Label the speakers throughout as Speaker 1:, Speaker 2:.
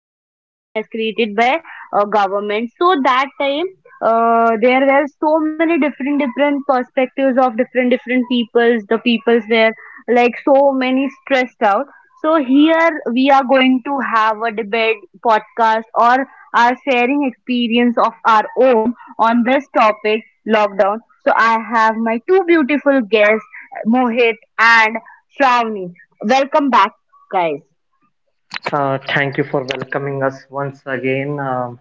Speaker 1: lockdown has been escalated by government. So that time there were so many different different perspectives of different different peoples. The peoples were like so many stressed out. So here we are going to have a debate podcast or our sharing experience of our own on this topic lockdown. So I have my two beautiful guests, Mohit and Shravani. Welcome back, guys.
Speaker 2: Thank you for welcoming us once again,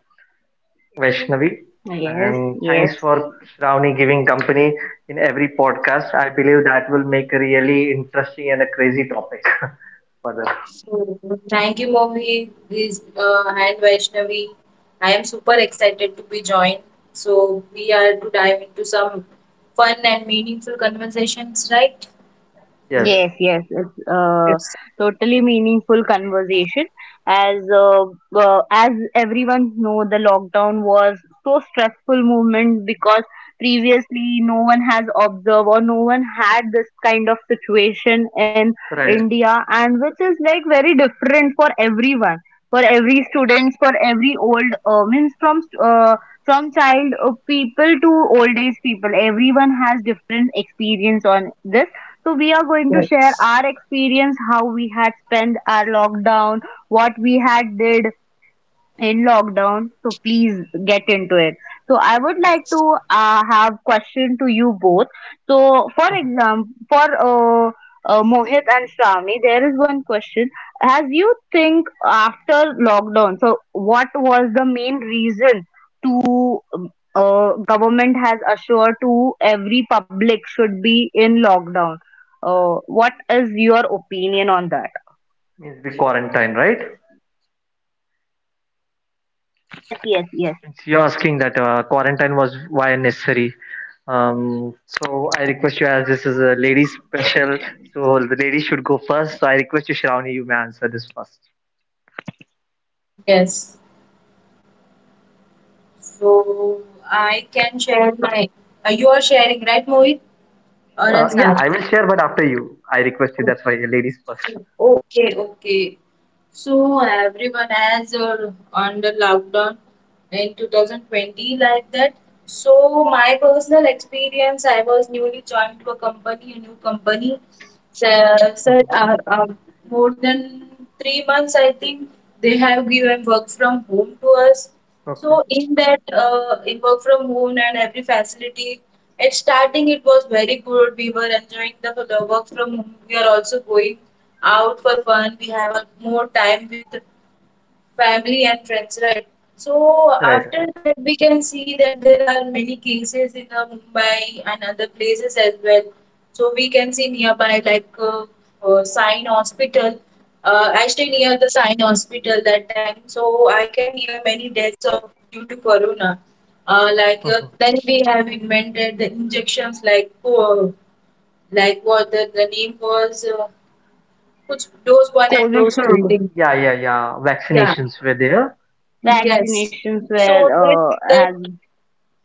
Speaker 2: Vaishnavi.
Speaker 1: Yes,
Speaker 2: And thanks
Speaker 1: yes.
Speaker 2: for Shravani giving company in every podcast. I believe that will make a really interesting and a crazy topic further.
Speaker 3: So thank you, Mohi, this and Vaishnavi. I am super excited to be joined. So we are to dive into some fun and meaningful conversations, right?
Speaker 2: Yes,
Speaker 1: Yes, yes, it's a
Speaker 3: Yes.
Speaker 1: totally meaningful conversation. As uh, as everyone know, the lockdown was so stressful movement because previously no one has observed or no one had this kind of situation in
Speaker 2: right.
Speaker 1: India, and which is like very different for everyone, for every students, for every old means from child people to old age people. Everyone has different experience on this, so we are going to share
Speaker 3: Yes.
Speaker 1: our experience, how we had spent our lockdown, what we had did in lockdown. So please get into it. So I would like to have question to you both. So for
Speaker 2: Mhm.
Speaker 1: example, for Mohit and Shravani, there is one question. As you think after lockdown, so what was the main reason to government has assured to every public should be in lockdown? What is your opinion on that?
Speaker 2: Means we quarantine, right?
Speaker 1: Yes, yes, yes.
Speaker 2: You're asking that quarantine was why necessary. So I request you, as this is a lady special, so the lady should go first. So I request you, Shravani, you may answer this first.
Speaker 3: Yes. So I can share my. You are sharing, right, Mohit? Or else
Speaker 2: Yeah,
Speaker 3: I.
Speaker 2: I will share, but after you, I request you. That's why ladies first.
Speaker 3: Okay, okay. So everyone has on the lockdown in 2020 like that. So my personal experience, I was newly joined to a company, a new company, so, sir,
Speaker 2: Mhm.
Speaker 3: more than 3 months, I think they have given work from home to us.
Speaker 2: Okay.
Speaker 3: So, in work from home and every facility, at starting it was very good. We were enjoying the work from home. We are also going out for fun. We have a more time with family and friends, right? So
Speaker 2: Right. Right.
Speaker 3: after that, we can see that there are many cases in Mumbai and other places as well. So we can see nearby, like, Sign Hospital. I stay
Speaker 2: Right.
Speaker 3: near the Sign Hospital that time, so I can hear many deaths of due to corona. Like,
Speaker 2: Mhm.
Speaker 3: then we have invented the injections, like, like what the name was, which dose one and
Speaker 1: COVID
Speaker 3: dose two
Speaker 1: should.
Speaker 3: thing.
Speaker 2: Yeah, yeah, yeah.
Speaker 3: Yeah.
Speaker 2: Vaccinations were there.
Speaker 3: Yes.
Speaker 1: Vaccinations
Speaker 3: So that
Speaker 1: were. Has.
Speaker 3: that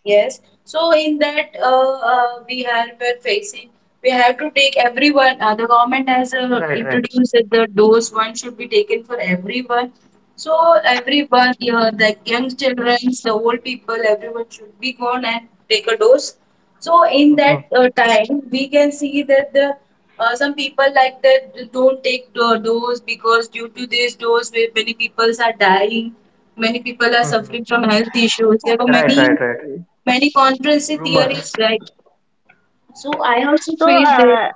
Speaker 3: Yes. So in that, we have been facing. We have to take everyone. The government has
Speaker 2: Right, right.
Speaker 3: introduced that the dose one should be taken for everyone. So everyone, the young children, the old people, everyone should be gone and take a dose. So in
Speaker 2: Mhm.
Speaker 3: that time, we can see that the some people like that don't take the dose because due to this dose, where many people are dying, many people are
Speaker 2: Mhm.
Speaker 3: suffering from health issues. There were
Speaker 2: Right,
Speaker 3: many
Speaker 2: right, right.
Speaker 3: Many conspiracy
Speaker 2: Rumors. Mhm.
Speaker 3: theories, right? So I also
Speaker 1: So
Speaker 3: feel that.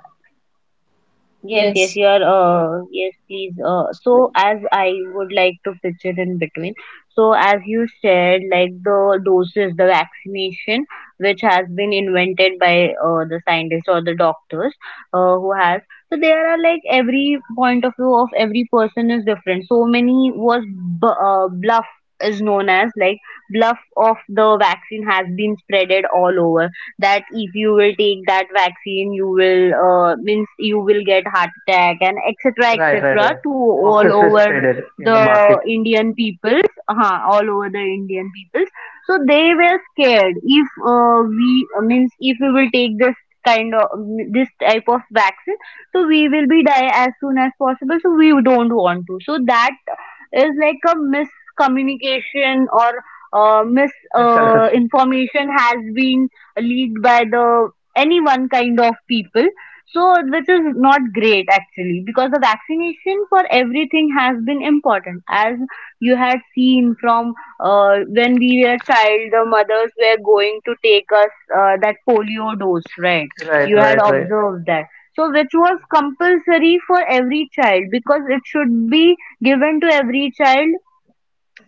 Speaker 1: yes yes
Speaker 3: Yes,
Speaker 1: you're yes please so as I would like to picture in between. So as you said, like the doses, the vaccination which has been invented by the scientists or the doctors who has. So there are like every point of view of every person is different. So many was bluff. Is known as like bluff of the vaccine has been spreaded all over, that if you will take that vaccine, you will means you will get heart attack and etc
Speaker 2: Right, right,
Speaker 1: etc
Speaker 2: right.
Speaker 1: to all
Speaker 2: Hoaxes were
Speaker 1: over
Speaker 2: spreaded in the
Speaker 1: the
Speaker 2: market.
Speaker 1: indian peoples all over the Indian peoples. So they were scared if we means if we will take this kind of this type of vaccine, so we will be die as soon as possible, so we don't want to. So that is like a miscommunication or mis
Speaker 2: Misconception.
Speaker 1: information has been leaked by the any one kind of people. So, which is not great actually, because the vaccination for everything has been important. As you had seen from when we were child, the mothers were going to take us that polio dose, right?
Speaker 2: Right,
Speaker 1: You had
Speaker 2: right, right.
Speaker 1: observed that. So, which was
Speaker 2: Mhm.
Speaker 1: compulsory for every child because it should be given to every child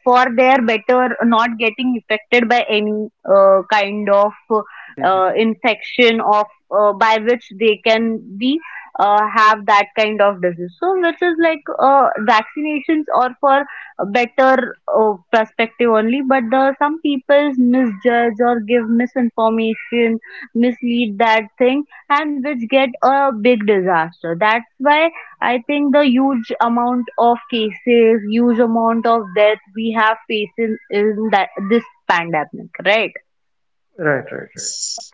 Speaker 1: for their better, not getting affected by any kind of
Speaker 2: Business.
Speaker 1: infection of by which they can be have that kind of disease. So which is like vaccinations are for a better perspective only, but the some people misjudge or give misinformation, mislead that thing, and which get a big disaster. That's why I think the huge amount of cases, huge amount of death we have faced in that this pandemic, right?
Speaker 2: Right. Right. Right.
Speaker 3: yes,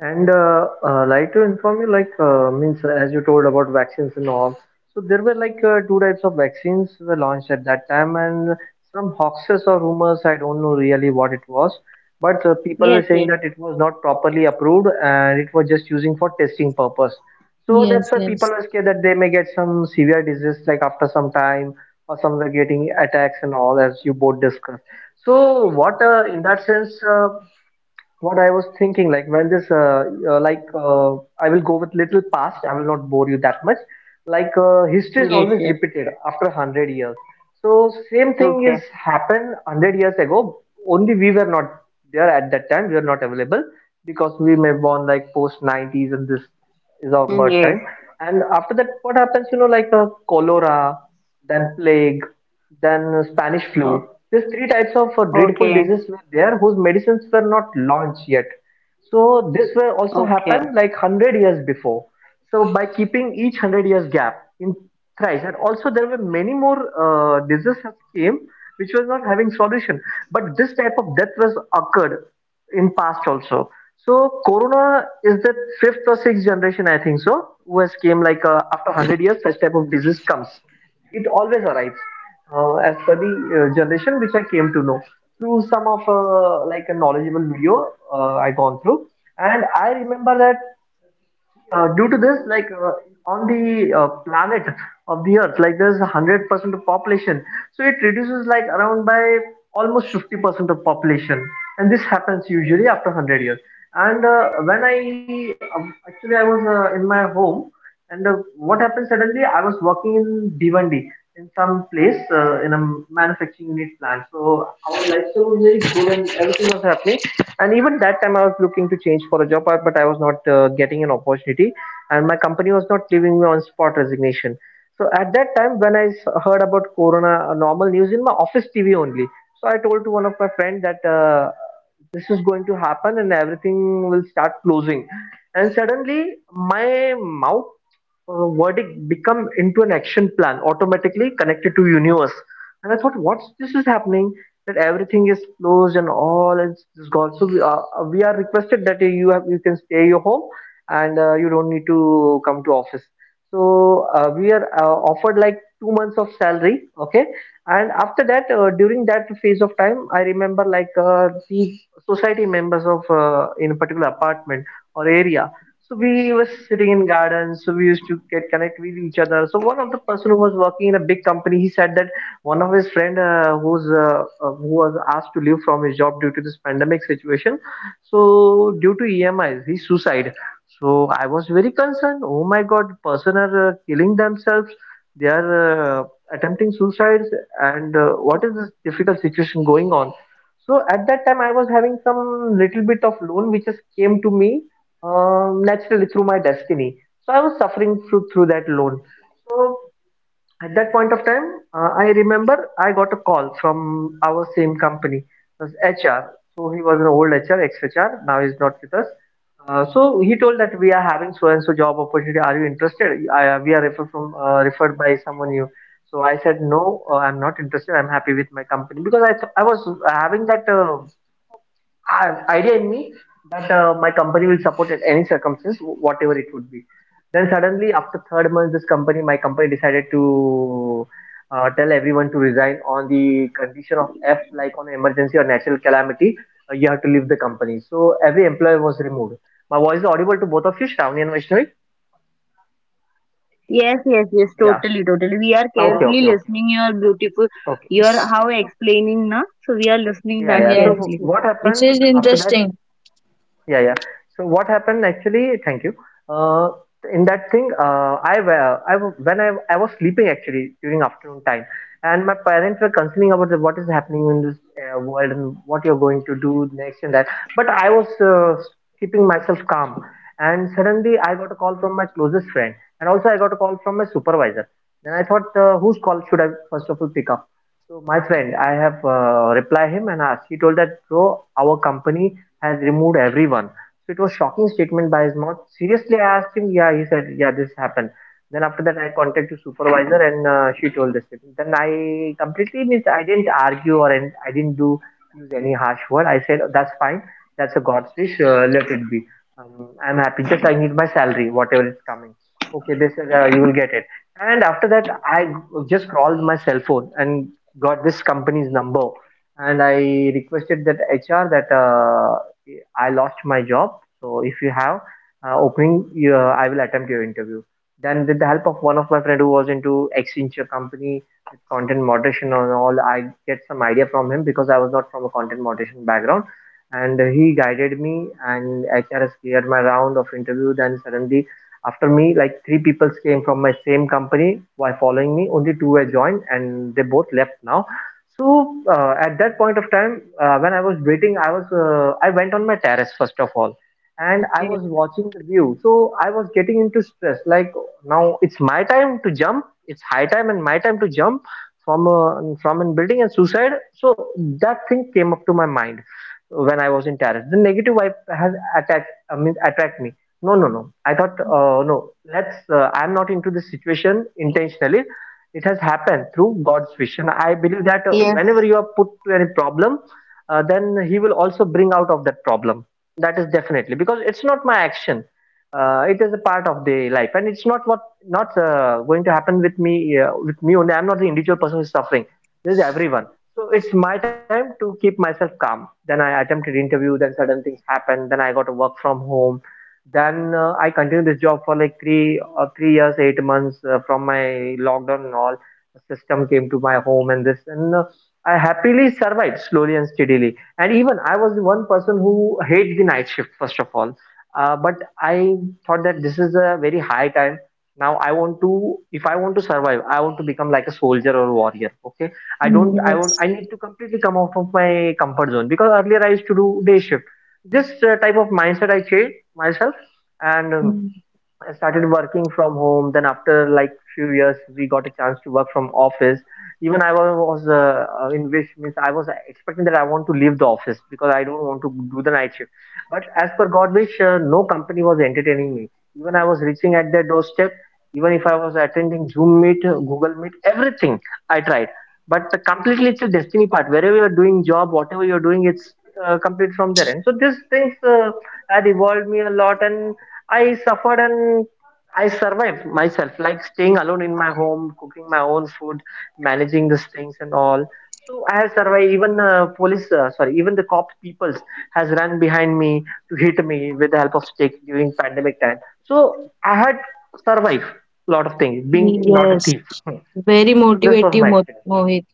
Speaker 2: And like to inform you, like means as you told about vaccines and all. So there were two types of vaccines were launched at that time, and some hoaxes or rumors. I don't know really what it was, but people
Speaker 1: Yes,
Speaker 2: were saying
Speaker 1: yes,
Speaker 2: that it was not properly approved and it was just using for testing purpose. So that's
Speaker 3: yes,
Speaker 2: why people
Speaker 3: yes,
Speaker 2: were scared that they may get some severe disease like after some time, or some were getting attacks and all, as you both discussed. So what in that sense? What I was thinking, like when this, like I will go with little past. I will not bore you that much. History is
Speaker 1: yes,
Speaker 2: always
Speaker 1: yes.
Speaker 2: repeated after a hundred years. So same thing is
Speaker 1: Okay.
Speaker 2: happened hundred years ago. Only we were not there at that time. We were not available because we may born like post nineties and this is our
Speaker 1: Mm,
Speaker 2: birth time.
Speaker 1: yes.
Speaker 2: And after that, what happens? You know, like cholera, then plague, than Spanish flu.
Speaker 1: Oh,
Speaker 2: These three types of dreadful
Speaker 1: okay.
Speaker 2: diseases were there whose medicines were not launched yet. So this were also
Speaker 1: Okay.
Speaker 2: happened like 100 years before. So by keeping each 100 years gap in thrice and also there were many more diseases that came which was not having solution. But this type of death was occurred in past also. So corona is the fifth or sixth generation I think so who has came like after 100 years such type of disease comes, it always arrives as per the generation which I came to know through some of like a knowledgeable video I gone through. And I remember that due to this, like on the planet of the Earth, like there's a 100% of population, so it reduces like around by almost 50% of population, and this happens usually after 100 years. And when I actually I was in my home, and what happened suddenly, I was working in d in some place in a manufacturing unit plant. So our lifestyle was very good and everything was happening. And even that time, I was looking to change for a job, but I was not getting an opportunity and my company was not leaving me on spot resignation. So at that time, when heard about Corona normal news in my office TV only, so I told to one of my friend that this is going to happen and everything will start closing. And suddenly, my mouth verdict become into an action plan automatically connected to universe, and I thought what's this is happening, that everything is closed and all is just gone. So we are requested that you can stay your home and you don't need to come to office. So we are offered like 2 months of salary. Okay, and after that during that phase of time I remember the society members of in a particular apartment or area, so we were sitting in gardens, so we used to get connect with each other. So one of the person who was working in a big company, he said that one of his friend who was asked to leave from his job due to this pandemic situation, so due to EMIs, he suicide. So I was very concerned. Oh my God, person are killing themselves. They are attempting suicides, and what is this difficult situation going on? So at that time, I was having some little bit of loan which just came to me naturally through my destiny. So I was suffering through that loan. So at that point of time, I remember I got a call from our same company, it was HR. So he was an old HR, ex-HR. Now he's not with us. So he told that we are having so and so job opportunity. Are you interested? We are referred from referred by someone you. So I said no, I'm not interested. I'm happy with my company because I was having that. Idea in me that my company will support at any circumstance, whatever it would be. Then suddenly, after third month, this company, my company decided to tell everyone to resign on the condition of F, like on emergency or natural calamity, you have to leave the company. So every employee was removed. My voice is audible to both of you, Shravani and Vaishnavi?
Speaker 1: Yes, yes, yes, totally, totally. We
Speaker 2: Yeah.
Speaker 1: are carefully listening
Speaker 2: Okay,
Speaker 1: your
Speaker 2: okay, okay.
Speaker 1: beautiful, your how
Speaker 2: Okay.
Speaker 3: yes,
Speaker 1: explaining, na? So we are listening that carefully.
Speaker 2: Yeah, yeah. So
Speaker 3: yes.
Speaker 2: what
Speaker 3: It
Speaker 2: happened
Speaker 3: is
Speaker 2: after that?
Speaker 3: interesting.
Speaker 2: Yeah, yeah. So what happened actually? Thank you. Uh, in that thing, I wa- When I was sleeping actually during afternoon time, and my parents were concerning about what is happening in this world and what you're going to do next and that. But I was keeping myself calm, and suddenly I got a call from my closest friend, and also I got a call from my supervisor. Then I thought, whose call should I first of all pick up? So my friend, I have replied him, and she told that bro, our company has removed everyone. So it was shocking statement by his mouth. Seriously, I asked him. Yeah, he said, yeah, this happened. Then after that, I contacted supervisor and she told this thing. Then I completely means I didn't argue or I didn't do use any harsh word. I said that's fine. That's a God's wish. Let it be. I'm happy. Just I need my salary, whatever is coming. Okay, this is, you will get it. And after that, I just called my cell phone and got this company's number and I requested that HR that I lost my job. So if you have opening, I will attempt your interview. Then with the help of one of my friend who was into Accenture company with content moderation and all, I get some idea from him because I was not from a content moderation background. And he guided me and HRS cleared my round of interview. Then suddenly after me, like three people came from my same company while following me. Only two were joined and they both left now. So at that point of time, when I was waiting, I went on my terrace first of all, and I
Speaker 3: Okay.
Speaker 2: was watching the view. So I was getting into stress. Like now it's my time to jump. It's high time and my time to jump from a building and suicide. So that thing came up to my mind when I was in terrace. The negative vibe has attacked. I mean, attacked me. No, no, no. I thought, no. Let's. I'm not into this situation intentionally. It has happened through God's vision. I believe that whenever you are put to any problem, then He will also bring out of that problem. That is definitely because it's not my action. It is a part of the life, and it's not going to happen with me. With me only, I'm not the individual person who's suffering. There's everyone. So it's my time to keep myself calm. Then I attempted interview. Then certain things happened. Then I got to work from home, then I continued this job for like three years, 8 months from my lockdown and all. System came to my home and this and I happily survived, slowly and steadily. And even I was the one person who hate the night shift, first of all. But I thought that this is a very high time. Now I want to, if I want to survive, I want to become like a soldier or warrior. Okay, I
Speaker 3: Mm.
Speaker 2: don't I want
Speaker 3: Yes.
Speaker 2: I need to completely come out of my comfort zone, because earlier I used to do day shift. This type of mindset I changed myself. And
Speaker 3: Mm.
Speaker 2: I started working from home. Then after like few years, we got a chance to work from office. Even I was in wish, means I was expecting that I want to leave the office because I don't want to do the night shift. But as per God wish, no company was entertaining me. Even I was reaching at their doorstep. Even if I was attending Zoom meet, Google meet, everything I tried. But the completely it's a destiny part. Wherever you're doing job, whatever you're doing, it's complete from there. And so these things had evolved me a lot, and I suffered and I survived myself, like staying alone in my home, cooking my own food, managing these things and all. So I have survived. Even even the cop peoples has run behind me to hit me with the help of stick during pandemic time. So I had survived a lot of things, being not a
Speaker 3: Yes.
Speaker 2: thief.
Speaker 3: Very
Speaker 2: So this was
Speaker 3: witty,
Speaker 2: my
Speaker 3: Mo-
Speaker 2: experience.
Speaker 3: Mohit.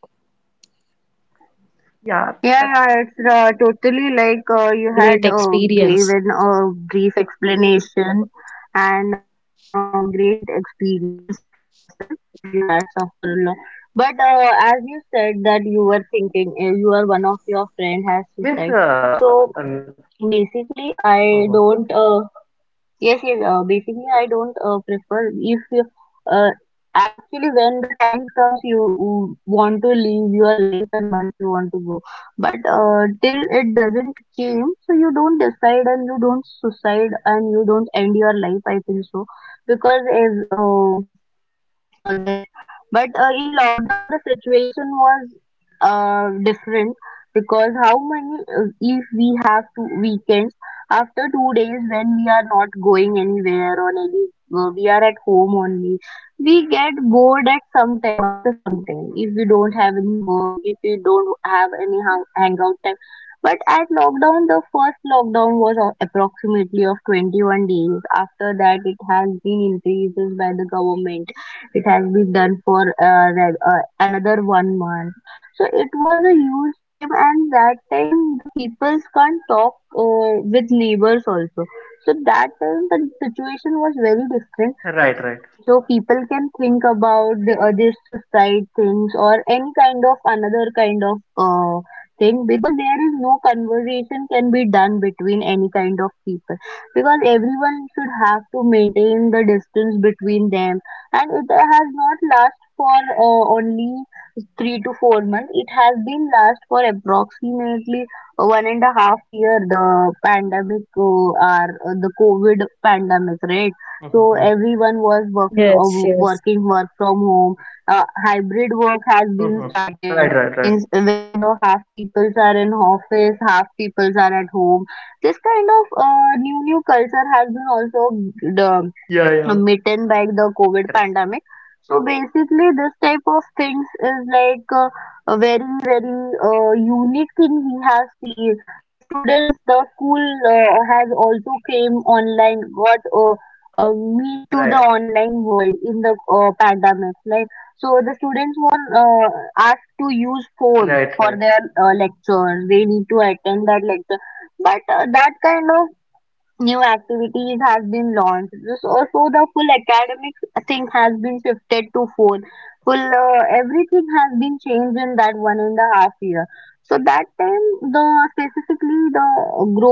Speaker 2: Yeah,
Speaker 1: Yeah, yeah,
Speaker 2: that's fine.
Speaker 1: it's totally like you had
Speaker 3: Experience.
Speaker 1: given a brief explanation and great experience of yourself that you had suffered a lot. But as you said that you were thinking, you are one of your friend has
Speaker 2: Means,
Speaker 1: suicide.
Speaker 2: an-
Speaker 1: So
Speaker 2: Mhm.
Speaker 1: basically, I don't. Yes, yes. Basically, I don't prefer if you, uh, actually when the time comes, you want to leave your life and once you want to go, but till it doesn't came, so you don't decide and you don't suicide and you don't end your
Speaker 2: Yeah.
Speaker 1: life. I think so because as this. But in lockdown, the situation was different, because how many, if we have two weekends, after two days when we are not going anywhere on any, we are at home only, we get bored at some time, after some
Speaker 2: Mhm.
Speaker 1: time, if we
Speaker 2: Mhm.
Speaker 1: don't have any work, if we don't have any hangout time. But at lockdown, the first lockdown was approximately of 21 days. After that, it has been increases by the government, it has been done for another one month. So it was a huge time, and that time the peoples can't talk with neighbors also. So that time the situation was very
Speaker 2: Right, right.
Speaker 1: different, so people can think about the other suicide things or any kind of another kind of thing, because there is no conversation can be done between any kind of people, because everyone should have to maintain the distance between them, and it has not last for only three to four months. It has been last for approximately one and a half year. The pandemic or the COVID pandemic, right? So everyone was
Speaker 3: Mm. Yes, yes.
Speaker 1: work from home. Hybrid work has been started. Means when the half peoples are in office, half peoples are at home. This kind of new culture has been also the Mitten by the COVID pandemic. So basically, this type of things is like a very, very unique thing we have seen. The students, the school has also came online, got meet to the online world in the pandemic. Like so, the students were asked to use phone for their lectures. They need to attend that lecture, but that kind of new activities has been launched. This also the full academic thing has been shifted to phone. Full everything has been changed in that one and a half year. So that time the specifically the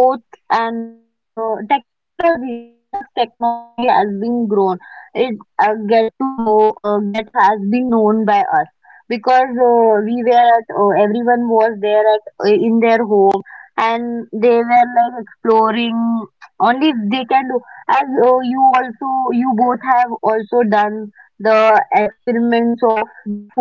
Speaker 1: growth and the technology, how much technology has been grown, it get has been known by us, because we were at everyone was there at in their home, and they were like exploring only they can do, as you both have also done the experiments of the food.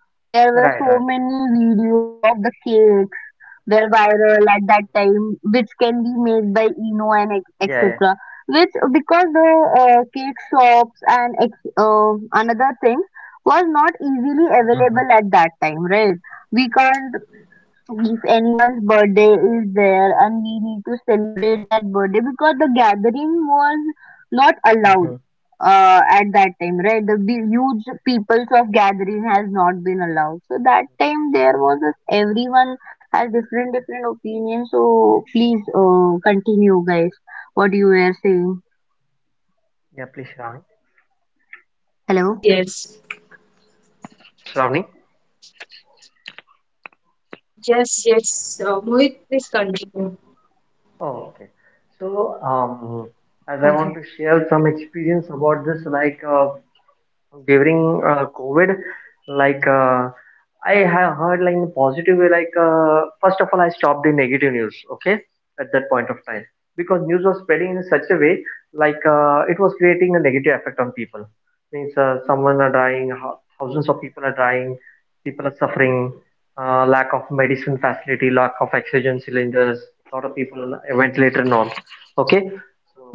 Speaker 1: There were so many videos of the cakes, they're viral at that time, which can be made by eno and etc, which because the cake shops and another thing was not easily available at that time, right? We can't, if anyone's birthday is there and we need to celebrate that birthday, because the gathering was not allowed at that time, right? The big, huge peoples of gathering has not been allowed. So that time there was a, everyone has different different opinions. So please continue, guys. What you were saying?
Speaker 3: Yes,
Speaker 1: Hello.
Speaker 3: yes, yes, yes. Mohit, please continue.
Speaker 1: Okay. Okay. Okay. Yes.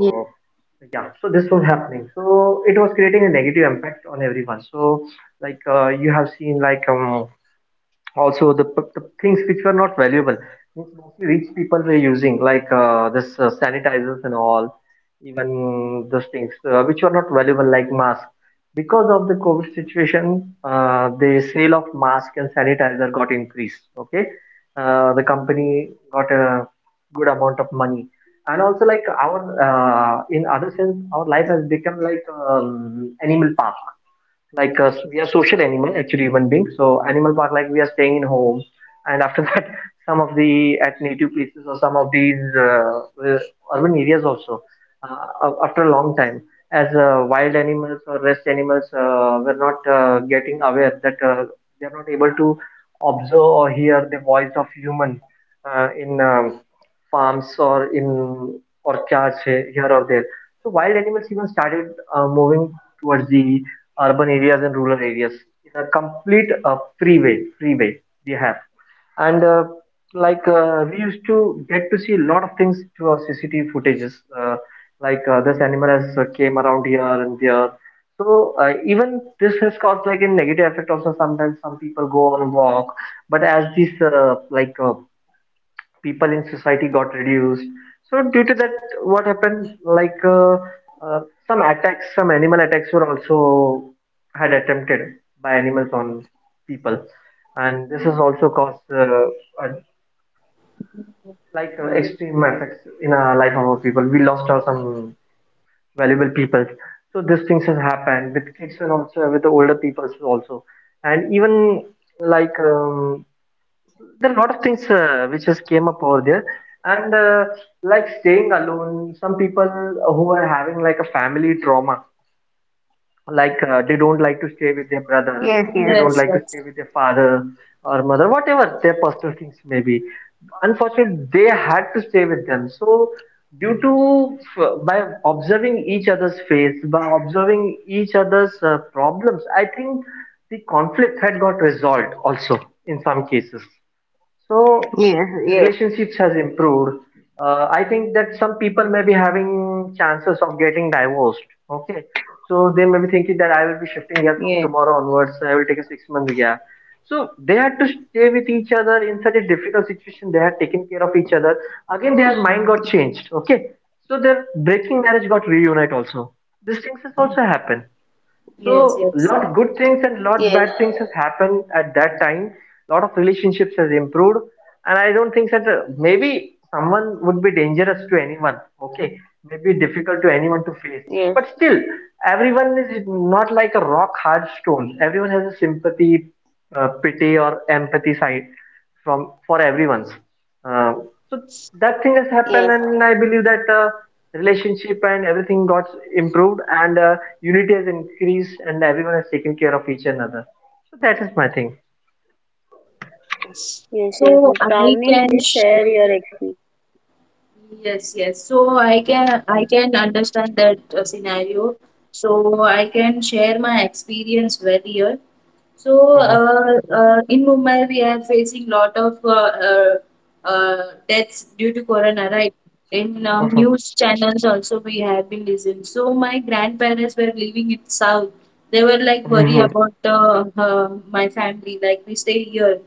Speaker 1: Yes. Yes. Yes.
Speaker 3: Yes, yes.
Speaker 1: Yes. Yes. Yes.
Speaker 3: Yes, yes.
Speaker 1: Yes. Yes. Yes. Yes, yes,
Speaker 3: So
Speaker 1: yes.
Speaker 3: I
Speaker 1: Pavni,
Speaker 3: can
Speaker 1: please
Speaker 3: share.
Speaker 1: share your experience.
Speaker 3: Yes, yes. So I can understand that scenario. So I can share my experience well here. So in Mumbai, we are facing lot of uh, deaths due to corona, right? In news channels also we have been listening. So my grandparents were living in south. They were like worry about my family, like we stay here,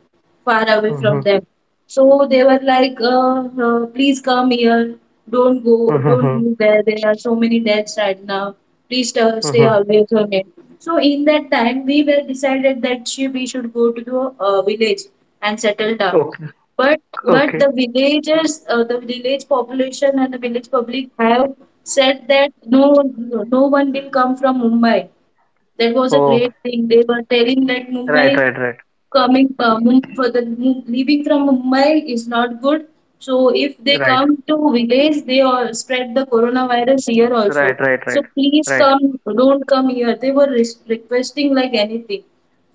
Speaker 3: far away from them. So they were like, please come here. Don't go there. There are so many deaths right now. Please stay away from it. So in that time, we were decided that we should go to the village and settle down. But the villagers, the village population and the village public have said that no one will come from Mumbai. That was a great thing. They were telling that Mumbai coming, for the leaving from Mumbai is not good. So if they come to village, they all spread the coronavirus here also. So please come, don't come here. They were requesting like anything.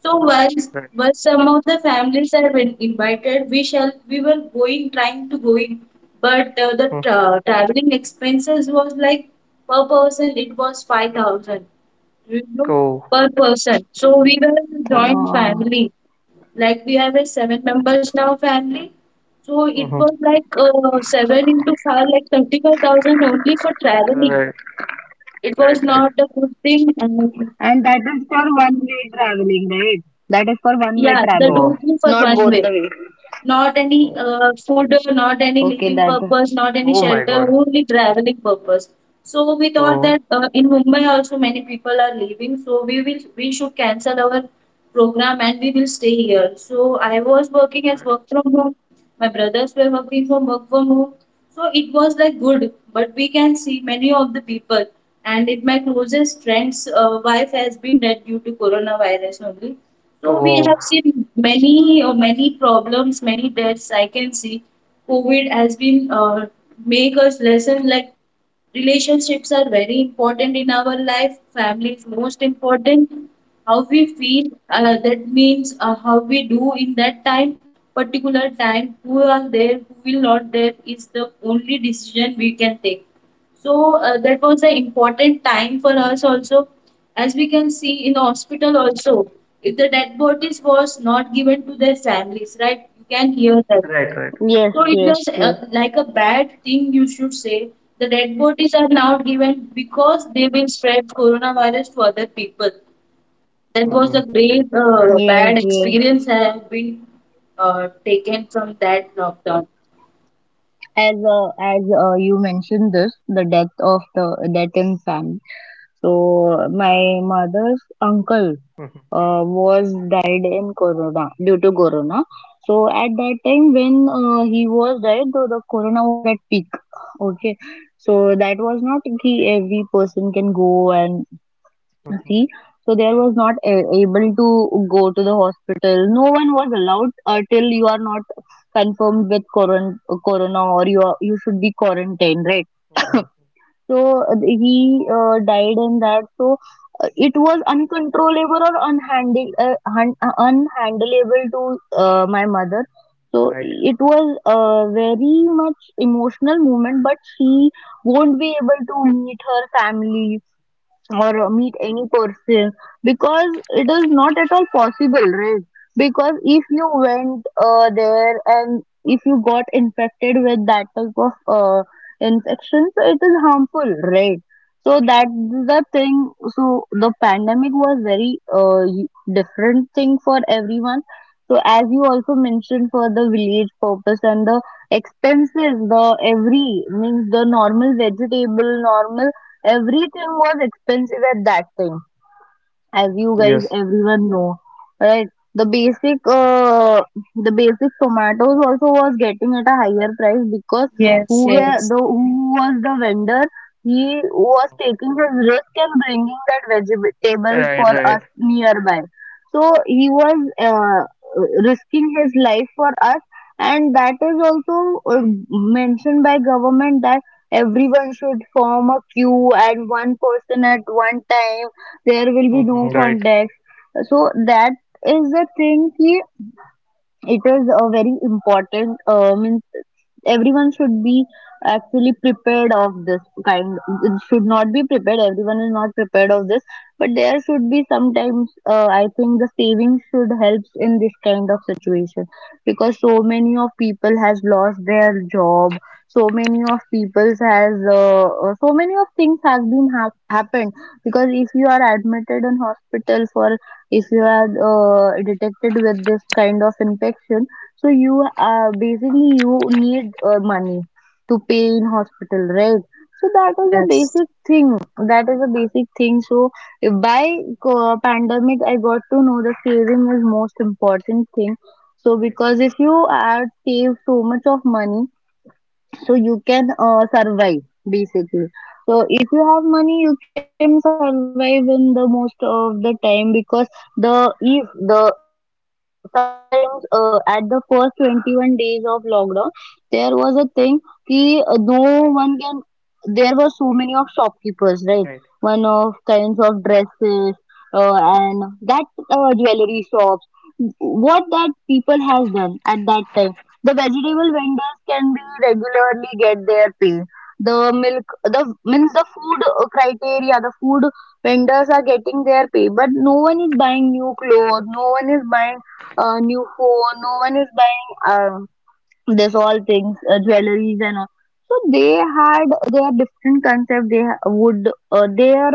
Speaker 3: So once some of the families have been invited, we were going trying to go in, but the traveling expenses was like per person it was 5,000, you know, per person. So we were a joint
Speaker 1: Oh,
Speaker 3: family. Like we have a seven members in our family. So it was like seven into five, like 35,000 only for traveling. It was not a good thing. And
Speaker 1: and that is for one way traveling, right? That is for one
Speaker 3: yeah,
Speaker 1: way
Speaker 3: that
Speaker 1: traveling.
Speaker 3: only for
Speaker 1: Not
Speaker 3: one
Speaker 1: both
Speaker 3: way.
Speaker 1: the way.
Speaker 3: Not any food, not any
Speaker 1: Okay,
Speaker 3: living
Speaker 1: that is.
Speaker 3: purpose, not any shelter, only traveling purpose. So we thought that in Mumbai also many people are leaving, so we should cancel our program and we will stay here. So I was working as work from home. My brothers were working from work from home. So it was like good, but we can see many of the people. And it my closest friend's wife has been dead due to coronavirus only. So we have seen many problems, many deaths. I can see COVID has been, make us lesson, like relationships are very important in our life, family is most important, how we feel that means how we do in that time, particular time, who are there, who will not, there is the only decision we can take. So that was an important time for us also, as we can see in hospital also, if the dead bodies was not given to their families, right, you can hear that.
Speaker 1: Yes, yes,
Speaker 3: So it was,
Speaker 1: yes,
Speaker 3: like a bad thing you should say. The dead bodies are now given because they will spread coronavirus to other people. That was a great
Speaker 1: yes,
Speaker 3: bad
Speaker 1: yes.
Speaker 3: experience I have been taken from that lockdown.
Speaker 1: As you mentioned this, the death of the death in family. So my mother's uncle was died in corona due to corona. So at that time when he was died, though the corona was at peak, okay, so that was not ki every person can go and see. So there was not able to go to the hospital. No one was allowed till you are not confirmed with corona, or you are, you should be quarantined, right? So he died in that. So it was uncontrollable or unhandleable to my mother. So it was a very much emotional moment, but she won't be able to meet her family or meet any person, because it is not at all possible, right? Because if you went there and if you got infected with that type of infection, so it is harmful, right? So that's the thing. So the pandemic was very different thing for everyone. So as you also mentioned, for the village purpose and the expenses, the every means the normal vegetable, normal everything was expensive at that time, as you guys everyone know, right? The basic the basic tomatoes also was getting at a higher price because
Speaker 3: Yes,
Speaker 1: who were
Speaker 3: yes,
Speaker 1: the who was the vendor, he was taking his risk and bringing that vegetable for us nearby. So he was risking his life for us. And that is also uh, mentioned by government that everyone should form a queue and one person at one time, there will be no context. So that is the thing ki it is a very important means everyone should be actually prepared of this kind, it should not be prepared, everyone is not prepared of this, but there should be sometimes, I think the savings should help in this kind of situation, because so many of people has lost their job, so many of people has so many of things has been happened because if you are admitted in hospital for, if you are detected with this kind of infection, so you basically you need money to pay in hospital, right? So that is a
Speaker 3: yes.
Speaker 1: basic thing. That is a basic thing. So if by pandemic, I got to know that saving is most important thing. So because if you are save so much of money, so you can survive basically. So if you have money you can survive in the most of the time because the, if, the sometimes, at the first 21 days of lockdown there was a thing ki no one can, there were so many of shopkeepers, right? One of kinds of dresses and that jewelry shops, what that people has done at that time. The vegetable vendors can be regularly get their pay. The milk, the means the food criteria, the food vendors are getting their pay, but no one is buying new clothes, no one is buying new phone, no one is buying, uh, this all things, jewelries and all, so they had their different concept, they would their,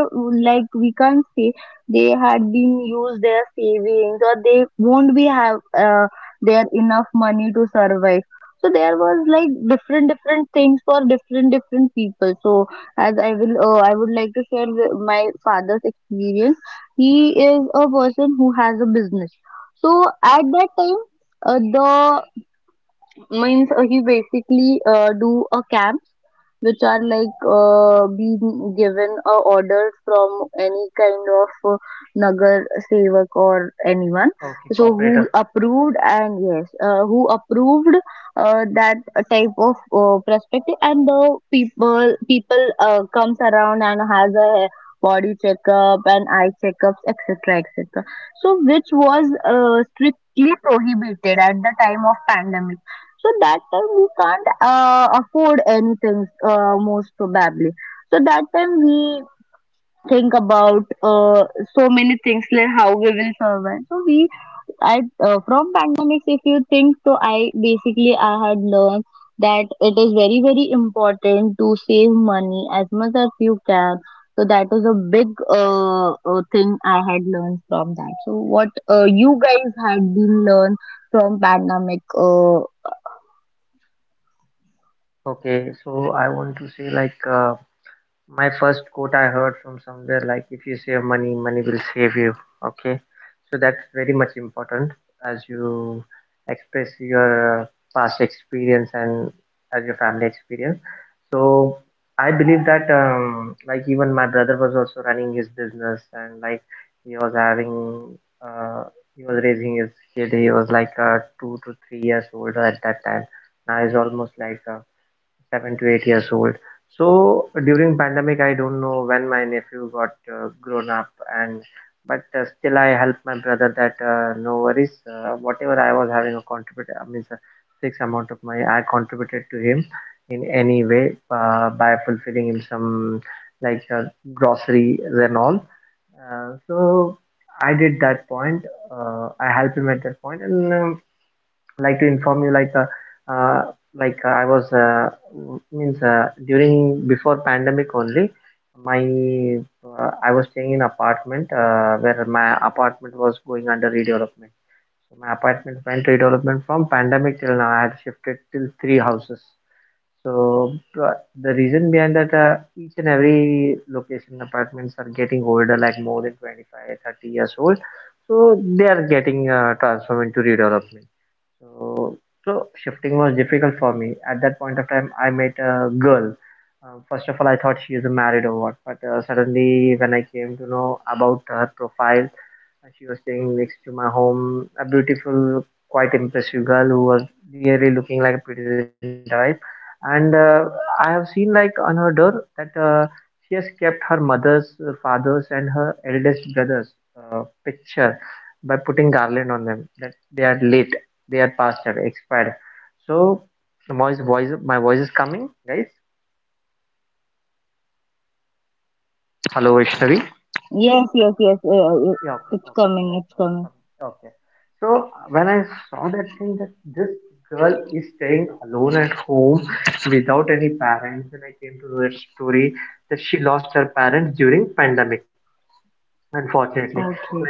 Speaker 1: like we can't say they had been used their savings or they won't be have their enough money to survive. So there was like different different things for different different people. So as I would like to share my father's experience. He is a person who has a business. So at that time, the means, he basically do a camp which are like being given a order from any kind of nagar sevak or anyone. So who approved and yes, who approved that type of perspective, and the people comes around and has a body checkup and eye checkups, etc, etc. So which was strictly prohibited at the time of pandemic. So that time we can't afford anything, most probably. So that time we think about, so many things like how we will survive. So we, I from pandemics, if you think so, I basically I had learned that it is very very important to save money as much as you can. So that is a big thing I had learned from that. So what you guys had been learned from pandemic? Yes, yes, yes. It's coming. It's coming. Okay.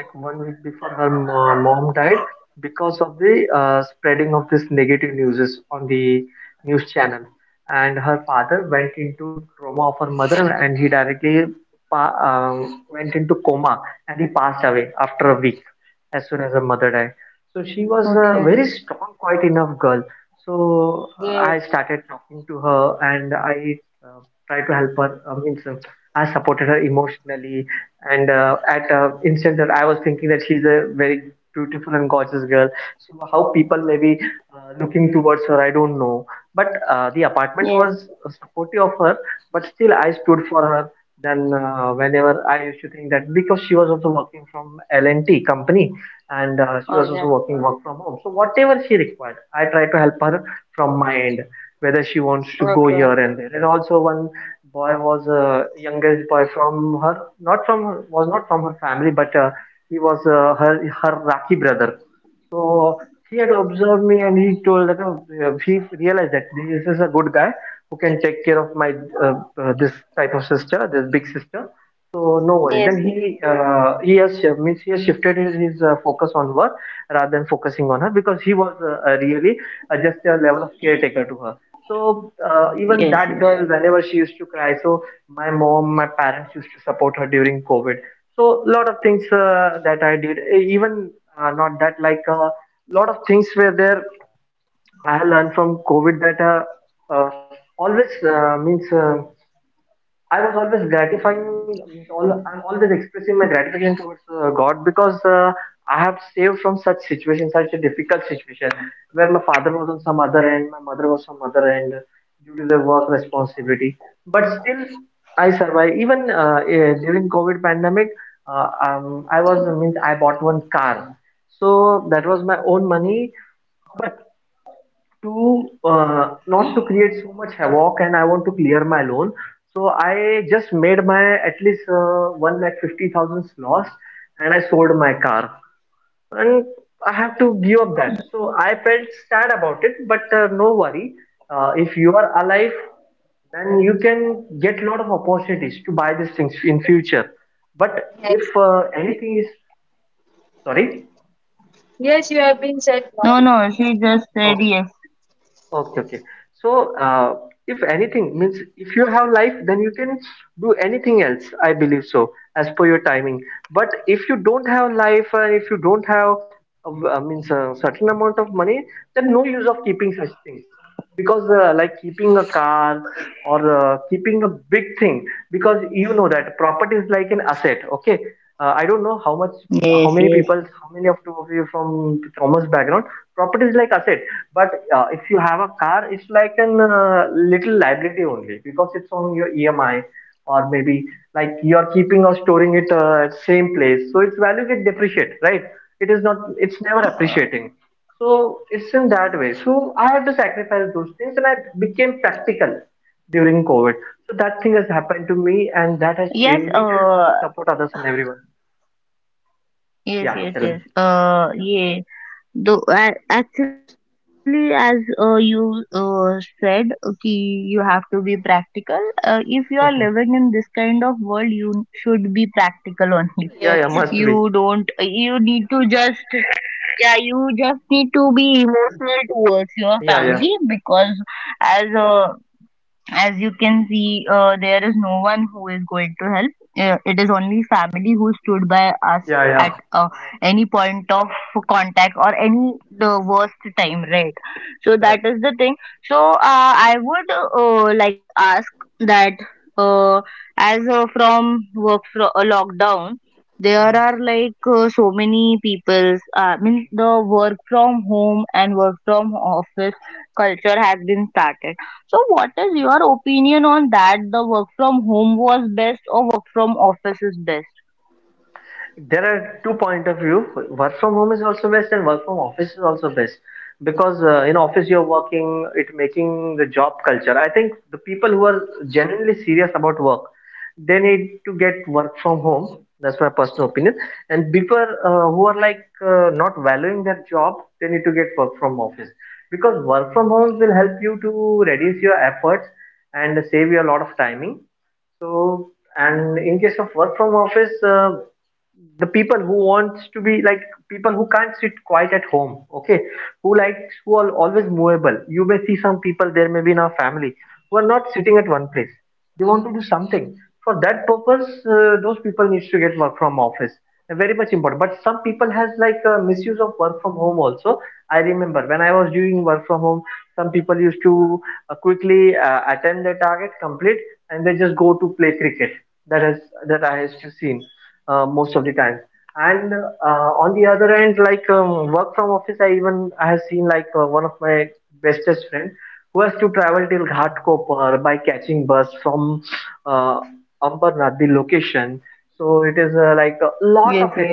Speaker 1: Okay. Yes, yes. Okay. Okay. Yes, yes.
Speaker 4: Yes, yes, you have been said
Speaker 1: No,
Speaker 4: right.
Speaker 1: no. She just said yes. Yes, yes. Yes. Yes, yes, yes. Yeah. Though actually, as you said, okay, you have to be practical. If you are living in this kind of world, you should be practical only.
Speaker 4: Yes.
Speaker 1: You don't, you need to just, yeah, you just need to be emotional towards your family, because as a, as you can see, there is no one who is going to help. It is only family who stood by us at any point of contact or any the worst time, right? So that is the thing. So I would like to ask that, uh, as from work from lockdown, there are like so many people's. Means the work from home and work from office culture has been started. So what is your opinion on that? The work from home was best or work from office is best? Yes, yes.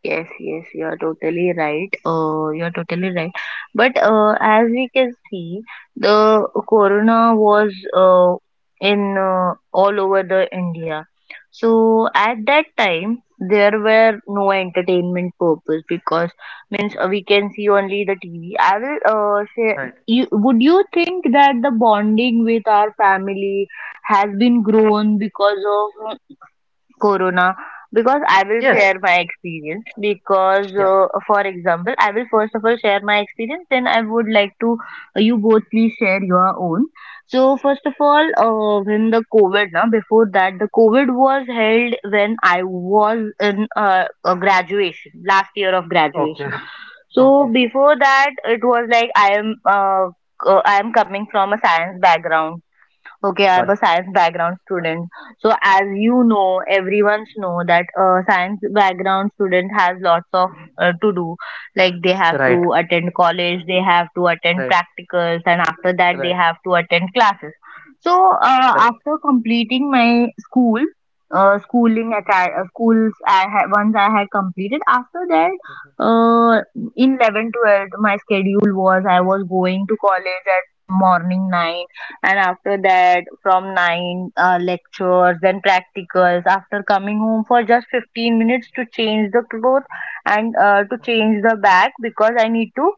Speaker 1: Yes, yes, you are totally right. You are totally right. But as we can see, the corona was in all over the India. So at that time, there were no entertainment purpose, because means we can see only the TV. I will say, you, would you think that the bonding with our family has been grown because of corona? Because I will share my experience, because for example I will first of all share my experience, then I would like to, you both please share your own. So first of all, when the covid, now before that the covid was held, when I was in a graduation, last year of graduation. So before that it was like I am coming from a science background. Okay, I'm a science background student. So as you know, everyone's know that a science background student has lots of to do. Like they have to attend college, they have to attend practicals, and after that they have to attend classes. So after completing my school, schooling at schools I had, once I had completed. After that, uh, in 11, 12, my schedule was I was going to college at morning 9, and after that from 9, lectures, then practicals, after coming home for just 15 minutes to change the clothes and to change the bag, because I need to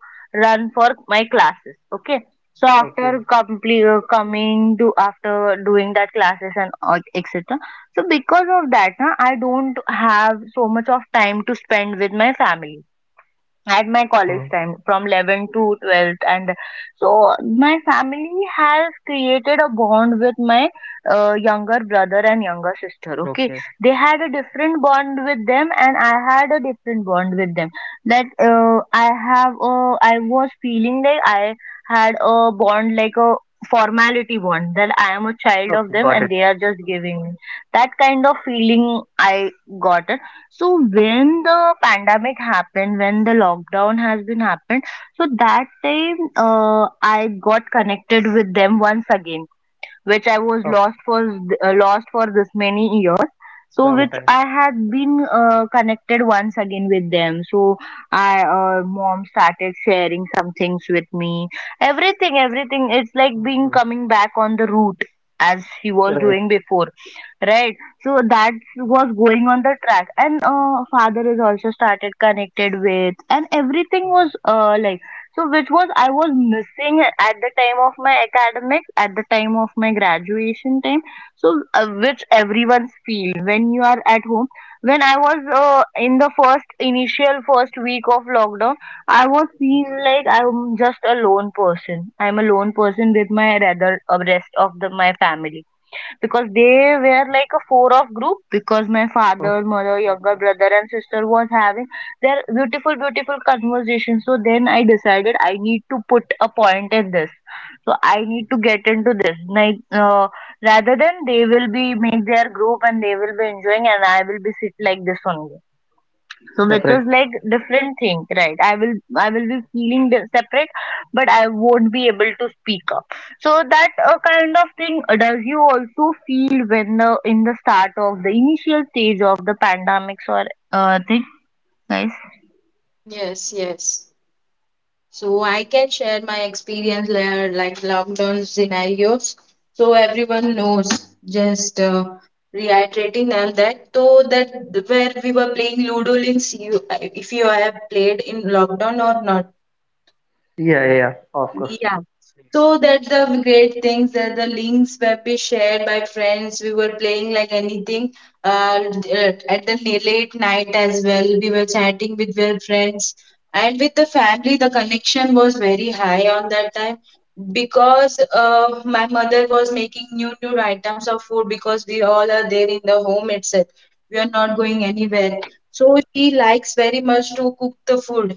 Speaker 1: run for my classes, okay? So after complete coming to after doing that classes and all, etc. So because of that na, I don't have so much of time to spend with my family at my college time from 11 to 12th. And so my family has created a bond with my younger brother and younger sister, okay? They had a different bond with them and I had a different bond with them. That I was feeling like I had a bond like a formality bond, that I am a child of them and they are just giving me that kind of feeling I got. So when the pandemic happened, when the lockdown has been happened, so that time, I got connected with them once again, which I was lost for, lost for this many years. So which I had been connected once again with them. So I mom started sharing some things with me. Everything, everything. It's like being coming back on the route as she was doing before, right? So that was going on the track, and father is also started connected with, and everything was like. So which was I was missing at the time of my academics, at the time of my graduation time. So which everyone's feel when you are at home. When I was in the first initial first week of lockdown, I was feeling like I'm just a lone person, I'm a lone person with my rather, rest of the my family, because they were like a four of group, because my father, mother, younger brother and sister was having their beautiful, beautiful conversation. So then I decided I need to put a point in this. So I need to get into this. Like, rather than they will be make their group and they will be enjoying and I will be sit like this only. So which is like different thing, right? I will, I will be feeling separate, but I won't be able to speak up. So that kind of thing, does you also feel when in the start of the initial stage of the pandemics or thing, guys?
Speaker 4: Mm, yes, yes. So I can share my experience there, like lockdown scenarios. So everyone knows, just reiterating them that so that where we were playing Ludo links, you if you have played in lockdown or not. Yeah. So that the great things that the links were be shared by friends. We were playing like anything. Uh, at the late night as well, we were chatting with our friends and with the family. The connection was very high on that time because my mother was making new items of food because we all are there in the home itself. We are not going anywhere. So she likes very much to cook the food.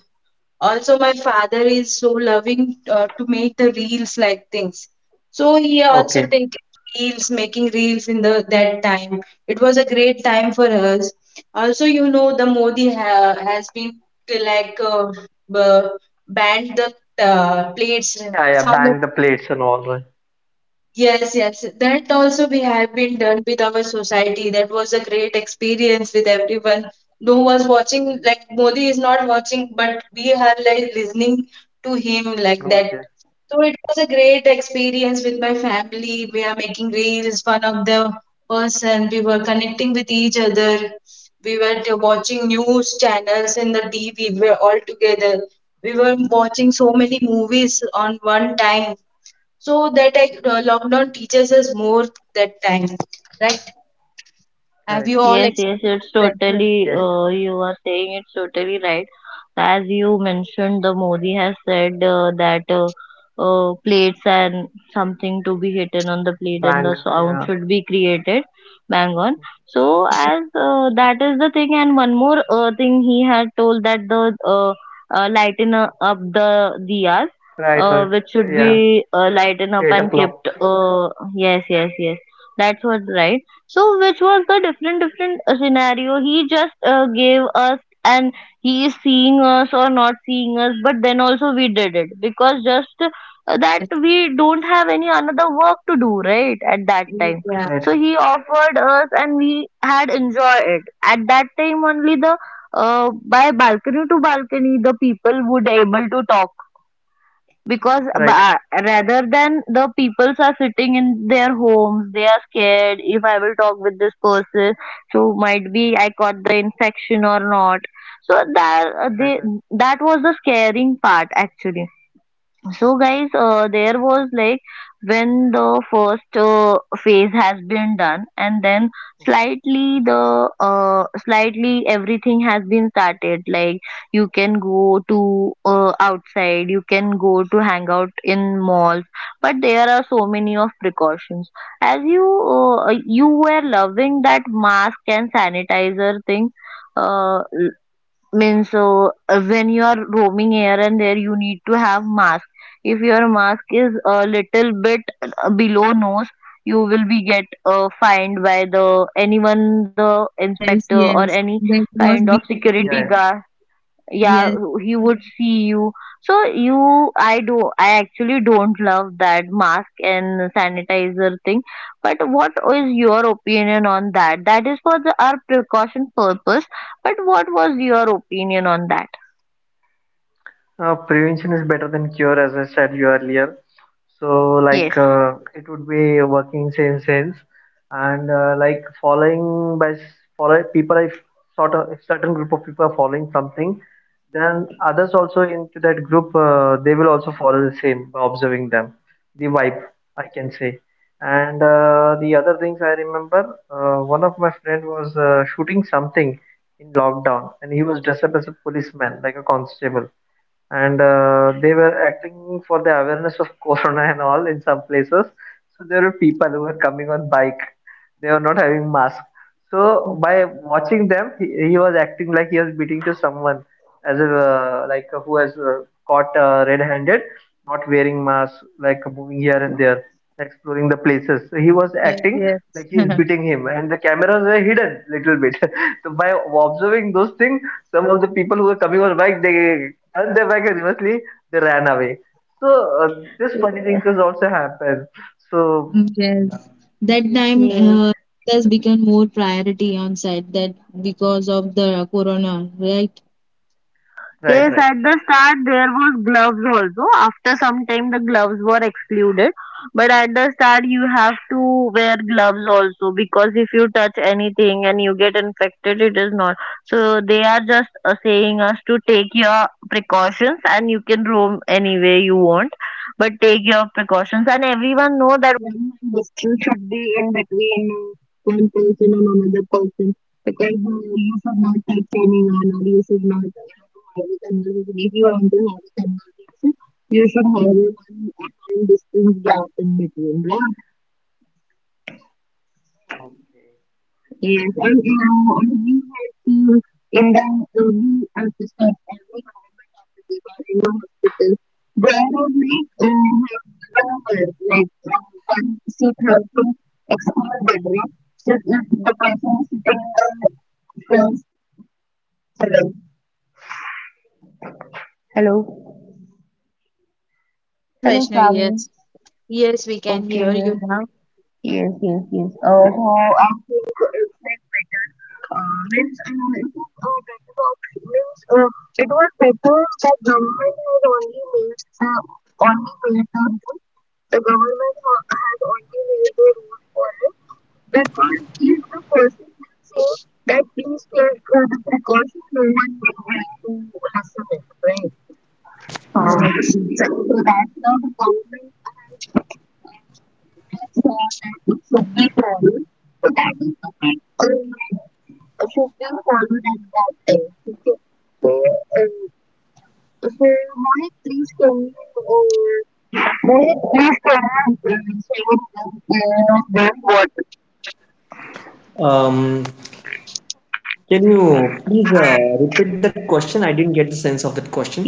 Speaker 4: Also, my father is so loving to make the reels like things. So he also taken reels, making reels in the that time. It was a great time for us. Also, you know, the Modi ha has been uh, like uh, b- banned the plates, sound of the plates. Yes, yes. That also we have been done with our society. That was a great experience with everyone. No was watching, like Modi is not watching, but we are like listening to him like that. So it was a great experience with my family. We are making reels, one of the person. We were connecting with each other. We were watching news channels in the TV. We were all together. We were watching so many movies on one time so that like, lockdown teaches us more that time, right? Have you all
Speaker 1: Yes, yes, it's
Speaker 4: experienced that? Yes,
Speaker 1: totally, you are saying it's totally right. As you mentioned, the Modi has said that plates and something to be hidden on the plate and the sound should be created. Bang on. So, as
Speaker 4: yes,
Speaker 1: that is the thing, and one more thing he had told that the lighten up the diyas, which should be lighten up and kept. Yes, yes, yes. That's what, right? So which was the different different scenario? He just gave us, and he is seeing us or not seeing us, but then also we did it, because just that
Speaker 4: yes,
Speaker 1: we don't have any another work to do, right? At that time.
Speaker 4: yeah.
Speaker 1: So he offered us and we had enjoyed it. At that time only the by balcony to balcony the people would able to talk, because rather than the peoples are sitting in their homes, they are scared, if I will talk with this person, so might be I got the infection or not. So that they, that was the scaring part actually. So guys, there was like, when the first phase has been done, and then slightly the, slightly everything has been started. Like you can go to outside, you can go to hang out in malls, but there are so many of precautions. As you were loving that mask and sanitizer thing. Uh, Means so, when you are roaming here and there you need to have mask if your mask is a little bit below nose you will be get fined by the anyone the
Speaker 4: Yes,
Speaker 1: inspector or
Speaker 4: yes.
Speaker 1: any
Speaker 4: That
Speaker 1: kind
Speaker 4: was
Speaker 1: of
Speaker 4: being
Speaker 1: security
Speaker 4: experienced.
Speaker 1: guard, yeah,
Speaker 4: Yes, yes,
Speaker 1: he would see you. So you I do I actually don't love that mask and sanitizer thing, but what is your opinion on that? That is for the our precaution purpose, but what was your opinion on that? Yes.
Speaker 4: yes, yes. Yes. That time,
Speaker 1: Yes,
Speaker 4: health has become more priority on site that because of the corona, right?
Speaker 1: yes, at the start there was gloves also. After some time the gloves were excluded. But at the start you have to wear gloves also because if you touch anything and you get infected it is not. So they are just saying us to take your precautions and you can roam any way you want. But take your precautions and everyone know that one distance should be in between one person and another person because you should not take anyone or you should not have a conversation. If you want to have a conversation, you should have a one a time distance gap in between, right? Yes, and you know, and we have seen in the early episode, every government offices or in the hospital, there are like numbers, like one seat has to explore that way. So if the person is sitting in the first, hello. Hello.
Speaker 4: Yes,
Speaker 1: Hello,
Speaker 4: Vaishnavi, yes,
Speaker 1: Sam.
Speaker 4: yes, we can hear you
Speaker 1: Okay.
Speaker 4: now.
Speaker 1: Yes, yes, yes. So I think it's like better. Means it is better option. Means it was better that government has only made the rule. The government has only made the rule for it because if the person will say that please take the precaution, no one will have to listen it, right? Uh,
Speaker 4: Yes.
Speaker 1: so, so that's how the government it should be for you that is the thing. It should be for you that thing. Okay. So, so Mohit, please can you uh, Mohit, please can you say uh, what
Speaker 2: Um, can you please repeat that question? I didn't get the sense of that question.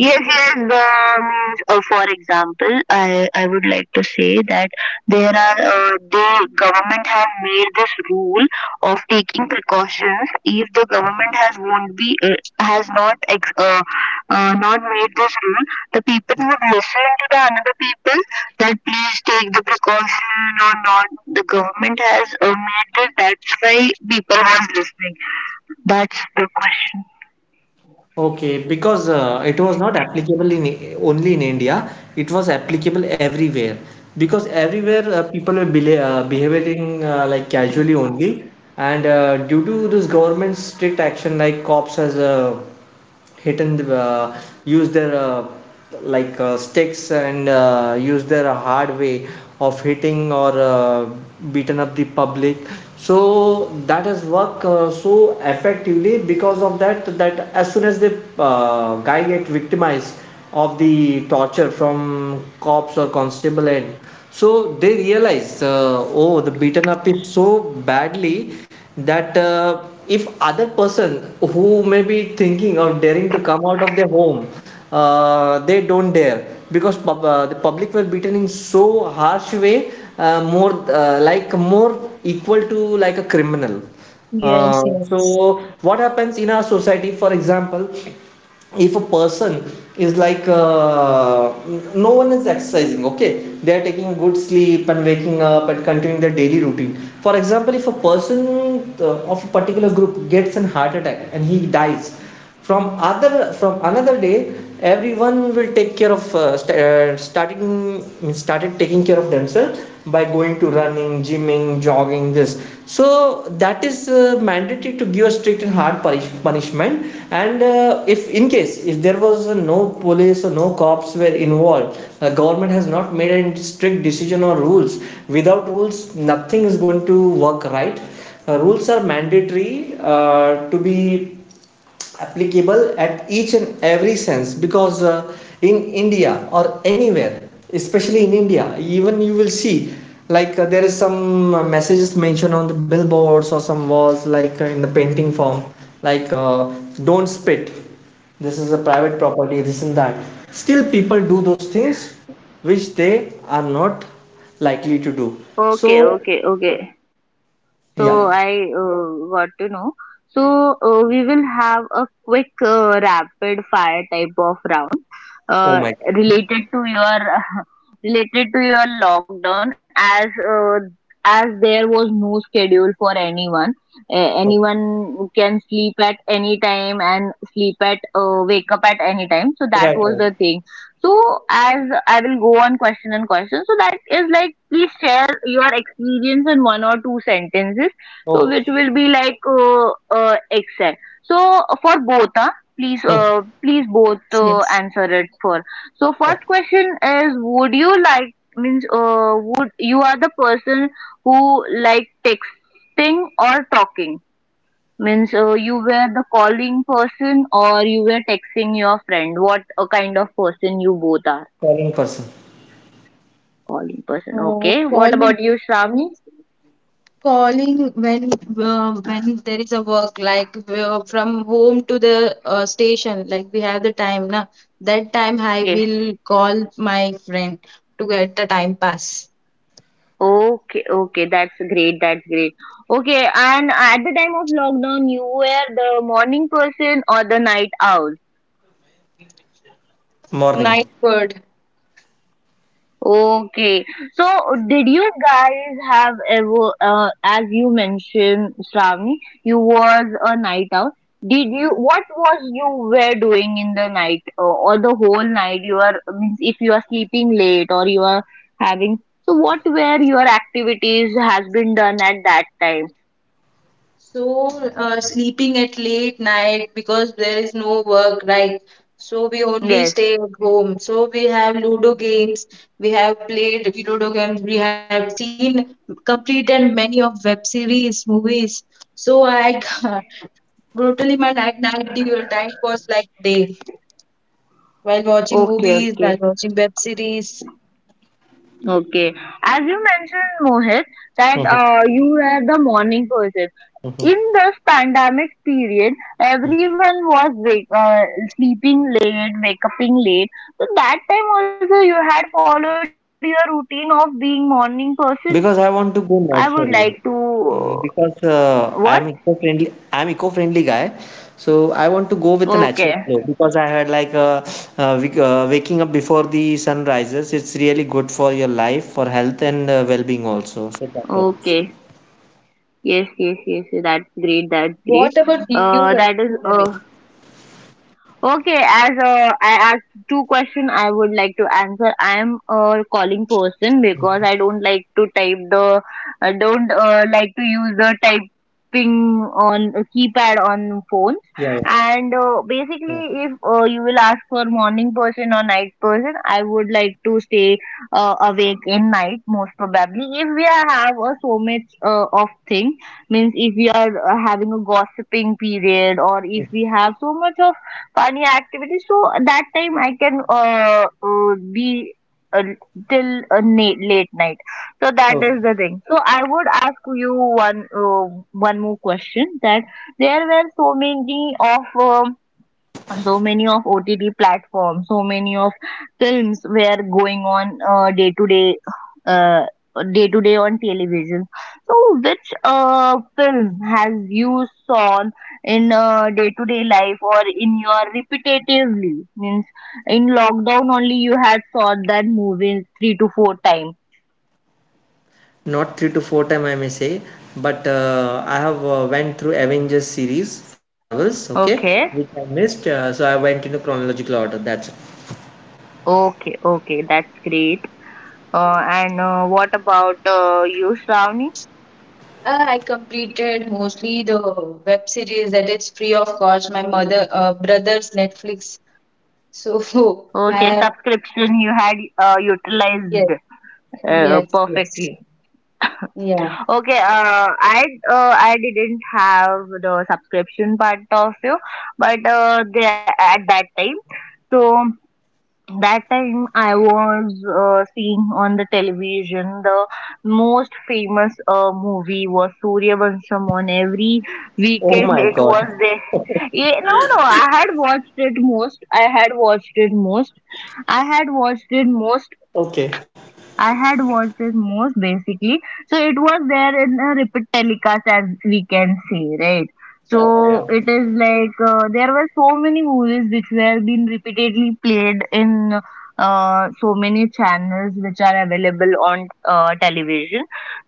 Speaker 1: example? I. like to say that there are the government have made this rule of taking precautions if the government has won't be has not made this rule the people would listen to the another people that please take the precaution or not. The government has made this, that's why people was listening. That's the question.
Speaker 2: Okay, because it was not applicable in only in India, it was applicable everywhere. Because everywhere people were behaving like casually only, and due to this government's strict action, like cops has hit and use their like sticks and use their hard way of hitting or beaten up the public, so that has worked so effectively. Because of that, that as soon as the guy get victimized of the torture from cops or constable end, so they realize, oh, the beaten up is so badly that if other person who may be thinking of daring to come out of their home, they don't dare, because the public were beaten in so harsh way, more like more equal to like a criminal.
Speaker 4: Yes, yes. Yes,
Speaker 2: So what happens in our society, for example, if a person is like, no one is exercising, okay, they are taking good sleep and waking up and continuing their daily routine. For example, if a person of a particular group gets an heart attack and he dies from other, from another day, everyone will take care of st- starting started taking care of themselves by going to running, gymming, jogging, this. So that is mandatory to give a strict and hard punishment. And if in case if there was no police or no cops were involved, the government has not made any strict decision or rules. Without rules, nothing is going to work, right? Rules are mandatory to be applicable at each and every sense, because in India or anywhere, especially in India, even you will see, like, there is some messages mentioned on the billboards or some walls, like in the painting form, like, don't spit, this is a private property, this and that, still people do those things which they are not likely to do. So
Speaker 1: Okay, okay, okay. So
Speaker 2: yeah.
Speaker 1: I got to know. So we will have a quick rapid fire type of round
Speaker 2: Oh
Speaker 1: uh,
Speaker 2: my God.
Speaker 1: related to your related to your lockdown as there was no schedule for anyone.
Speaker 2: Okay.
Speaker 1: Anyone can sleep at any time and sleep at wake up at any time, so that
Speaker 2: Right,
Speaker 1: was
Speaker 2: right.
Speaker 1: the thing. So as I will go on question and question, so that is like please share your experience in one or two sentences, so which
Speaker 2: Okay.
Speaker 1: will be like excel. So for both, huh? Please
Speaker 2: Hmm.
Speaker 1: please both
Speaker 4: yes, yes.
Speaker 1: answer it for. So first question is would you like means would you are the person who like texting or talking? Means you were the calling person or you were texting your friend, what a kind of person you both are?
Speaker 2: Calling person.
Speaker 1: Calling person.
Speaker 4: Uh,
Speaker 1: Okay, what
Speaker 4: call
Speaker 1: about you, Shravani?
Speaker 4: Calling. When when there is a work like from home to the station, like we have the time na, that time I
Speaker 1: Yes.
Speaker 4: will call my friend to get the time pass.
Speaker 1: Okay, okay, that's great, that's great. Okay, and at the time of lockdown, you were the morning person or the night owl?
Speaker 2: Morning.
Speaker 4: Night bird.
Speaker 1: Okay. So, did you guys have ever, as you mentioned, Shravani, you was a night out. Did you, what was you were doing in the night or the whole night? You are, means if you are sleeping late or you are having, so what were your activities has been done at that time?
Speaker 4: So, sleeping at late night because there is no work, right? So we only
Speaker 1: Yes.
Speaker 4: stay at home. So we have Ludo games, we have played Ludo games, we have seen completed many of web series, movies. So I brutally my night, the night was like day while watching
Speaker 1: Okay,
Speaker 4: movies, while
Speaker 1: okay.
Speaker 4: watching web series.
Speaker 1: Okay. As you mentioned, Mohit, that
Speaker 2: Mhm.
Speaker 1: you were the morning person. In this pandemic period, everyone was sleeping late, wake uping late. So that time also you had followed your routine of being morning person.
Speaker 2: Because I
Speaker 1: I
Speaker 2: want to
Speaker 1: would
Speaker 2: go
Speaker 1: like
Speaker 2: naturally.
Speaker 1: to.
Speaker 2: Mm. Because
Speaker 1: What?
Speaker 2: I am eco-friendly guy, so I want to go with the
Speaker 1: Okay.
Speaker 2: natural flow. Because I heard like waking up before the sun rises, it's really good for your life, for health and well-being also. So that helps.
Speaker 1: Okay. Yes, yes, yes, yes. That's great, that's great.
Speaker 4: What about you,
Speaker 1: That is.
Speaker 4: Vaishnavi?
Speaker 1: Okay, as I asked two questions, I would like to answer. I am a calling person because I don't like to type the, I don't like to use the typing on a
Speaker 2: Yeah, yeah,
Speaker 1: keypad on phones.
Speaker 2: yeah.
Speaker 1: And basically, if you will ask for morning person or night person, I would like to stay awake in night most probably. If we are have a so much of thing, means if we are having a gossiping period or if we have so much of funny activity. So that time I can be uh, till late night. So
Speaker 2: Oh,
Speaker 1: that is the thing. So I would ask you one one more question that there were so many of so many of OTT platforms, so many of films were going on uh, day to day on television. So, which film has you saw in day to day life or in your repetitively? Means in lockdown only you had saw that movie three to four times.
Speaker 2: not three to four time I may say, but I have went through Avengers series from Marvels, okay,
Speaker 1: Okay,
Speaker 2: which I missed. So I went in a chronological order. That's it.
Speaker 1: okay, okay, that's great. And what about you, Shravani?
Speaker 4: I completed mostly the web series that is free of cost. My mother, brother's Netflix. So
Speaker 1: Okay,
Speaker 4: I am.
Speaker 1: subscription you had utilized
Speaker 4: Yes, yes, yes,
Speaker 1: perfectly.
Speaker 4: yeah,
Speaker 1: Okay, I didn't have the subscription part of you, but at that time, so that time I was seeing on the television the most famous movie was Surya Vansham on every
Speaker 2: Oh my
Speaker 1: weekend.
Speaker 2: God.
Speaker 1: It was there. Yeah, no, no, I had watched it most. I had watched it most. I had watched it most
Speaker 2: Okay.
Speaker 1: I had watched this most basically. So it was there in a repeat telecast as we can say, right?
Speaker 2: Yeah, yeah, yeah.
Speaker 1: So it is like there were so many movies which were being repeatedly played in so many channels which are available on television.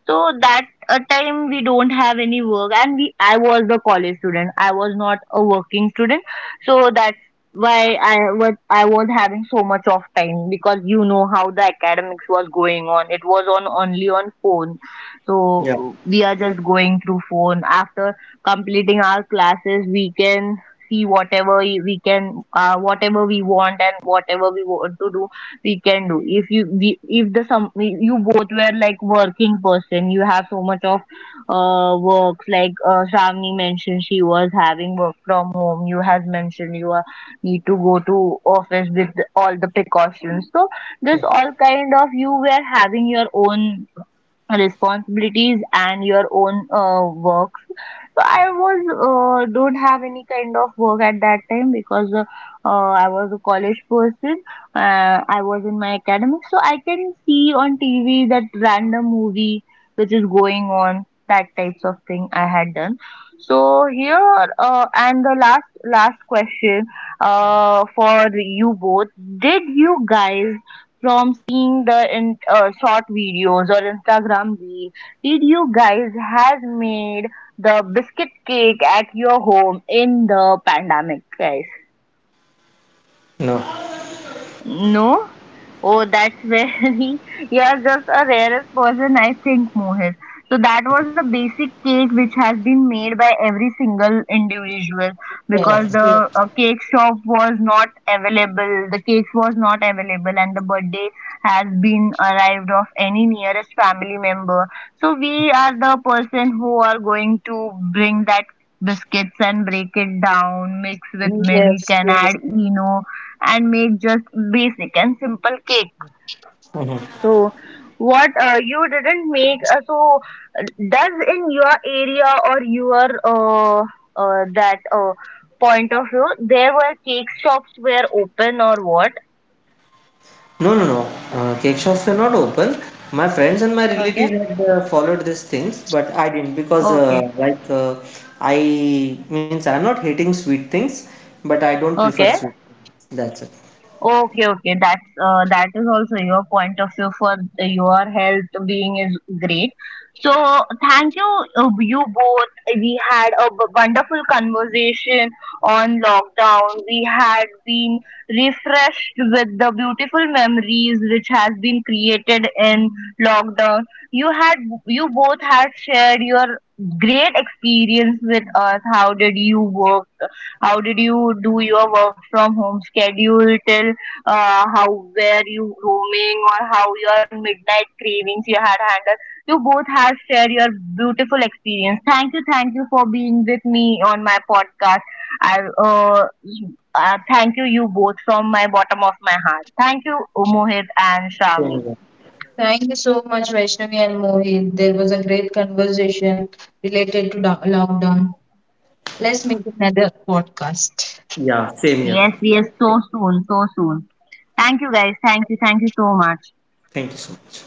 Speaker 1: So that a time we don't have any work and we I was the college student. I was not a working student. So that why I was having so much of time because you know how the academics was going on. It was on only on phone,
Speaker 2: Yeah.
Speaker 1: so we are just going through phone. After completing our classes, we can see whatever we can whatever we want and whatever we want to do, we can do. If you we, if the some you both were like working person you have so much of works like Shravani mentioned she was having work from home, you has mentioned you are need to go to office with all the precautions. So this all kind of you were having your own responsibilities and your own work. So I was don't have any kind of work at that time because I was a college person. I was in my academics, so I can see on TV that random movie which is going on. That types of thing I had done. So here and the last question for you both: Did you guys from seeing the short videos or Instagram reels, did you guys has made the biscuit cake at your home in the pandemic, guys?
Speaker 2: No.
Speaker 1: No? Oh, that's very, you're just a rarest person, I think, Mohit. So that was a basic cake which has been made by every single individual
Speaker 4: yes,
Speaker 1: because the
Speaker 4: yes,
Speaker 1: cake shop was not available, the cakes was not available, and the birthday has been arrived of any nearest family member. So we are the person who are going to bring that biscuits and break it down, mix with milk
Speaker 4: yes,
Speaker 1: and add
Speaker 4: yes.
Speaker 1: Eno and make just basic and simple cake.
Speaker 2: Mhm.
Speaker 1: So, what you didn't make, so uh, does in your area or your that point of view, there were cake shops were open or what?
Speaker 2: No, no, no. Cake shops were not open. My friends and my relatives
Speaker 1: Okay.
Speaker 2: had followed these things, but I didn't because,
Speaker 1: Okay,
Speaker 2: like, I means I'm not hating sweet things, but I don't prefer
Speaker 1: okay.
Speaker 2: sweet. Things. That's it.
Speaker 1: Okay, okay, that's that is also your point of view for your health being is great. So thank you, you both. We had a wonderful conversation on lockdown. We had been refreshed with the beautiful memories which has been created in lockdown. You had you both had shared your great experience with us. How did you work? How did you do your work from home schedule till how were you roaming or how your midnight cravings you had handled? You both have shared your beautiful experience. Thank you for being with me on my podcast. I uh, Thank you, you both, from my bottom of my heart. Thank you, Mohit and
Speaker 2: Same
Speaker 1: Shravani.
Speaker 2: here.
Speaker 4: Thank you so much, Vaishnavi and Mohit. There was a great conversation related to lockdown. Let's make another podcast.
Speaker 2: Yeah, same here.
Speaker 1: Yes, yes, so soon, so soon. Thank you, guys. Thank you so much.
Speaker 2: Thank you so much.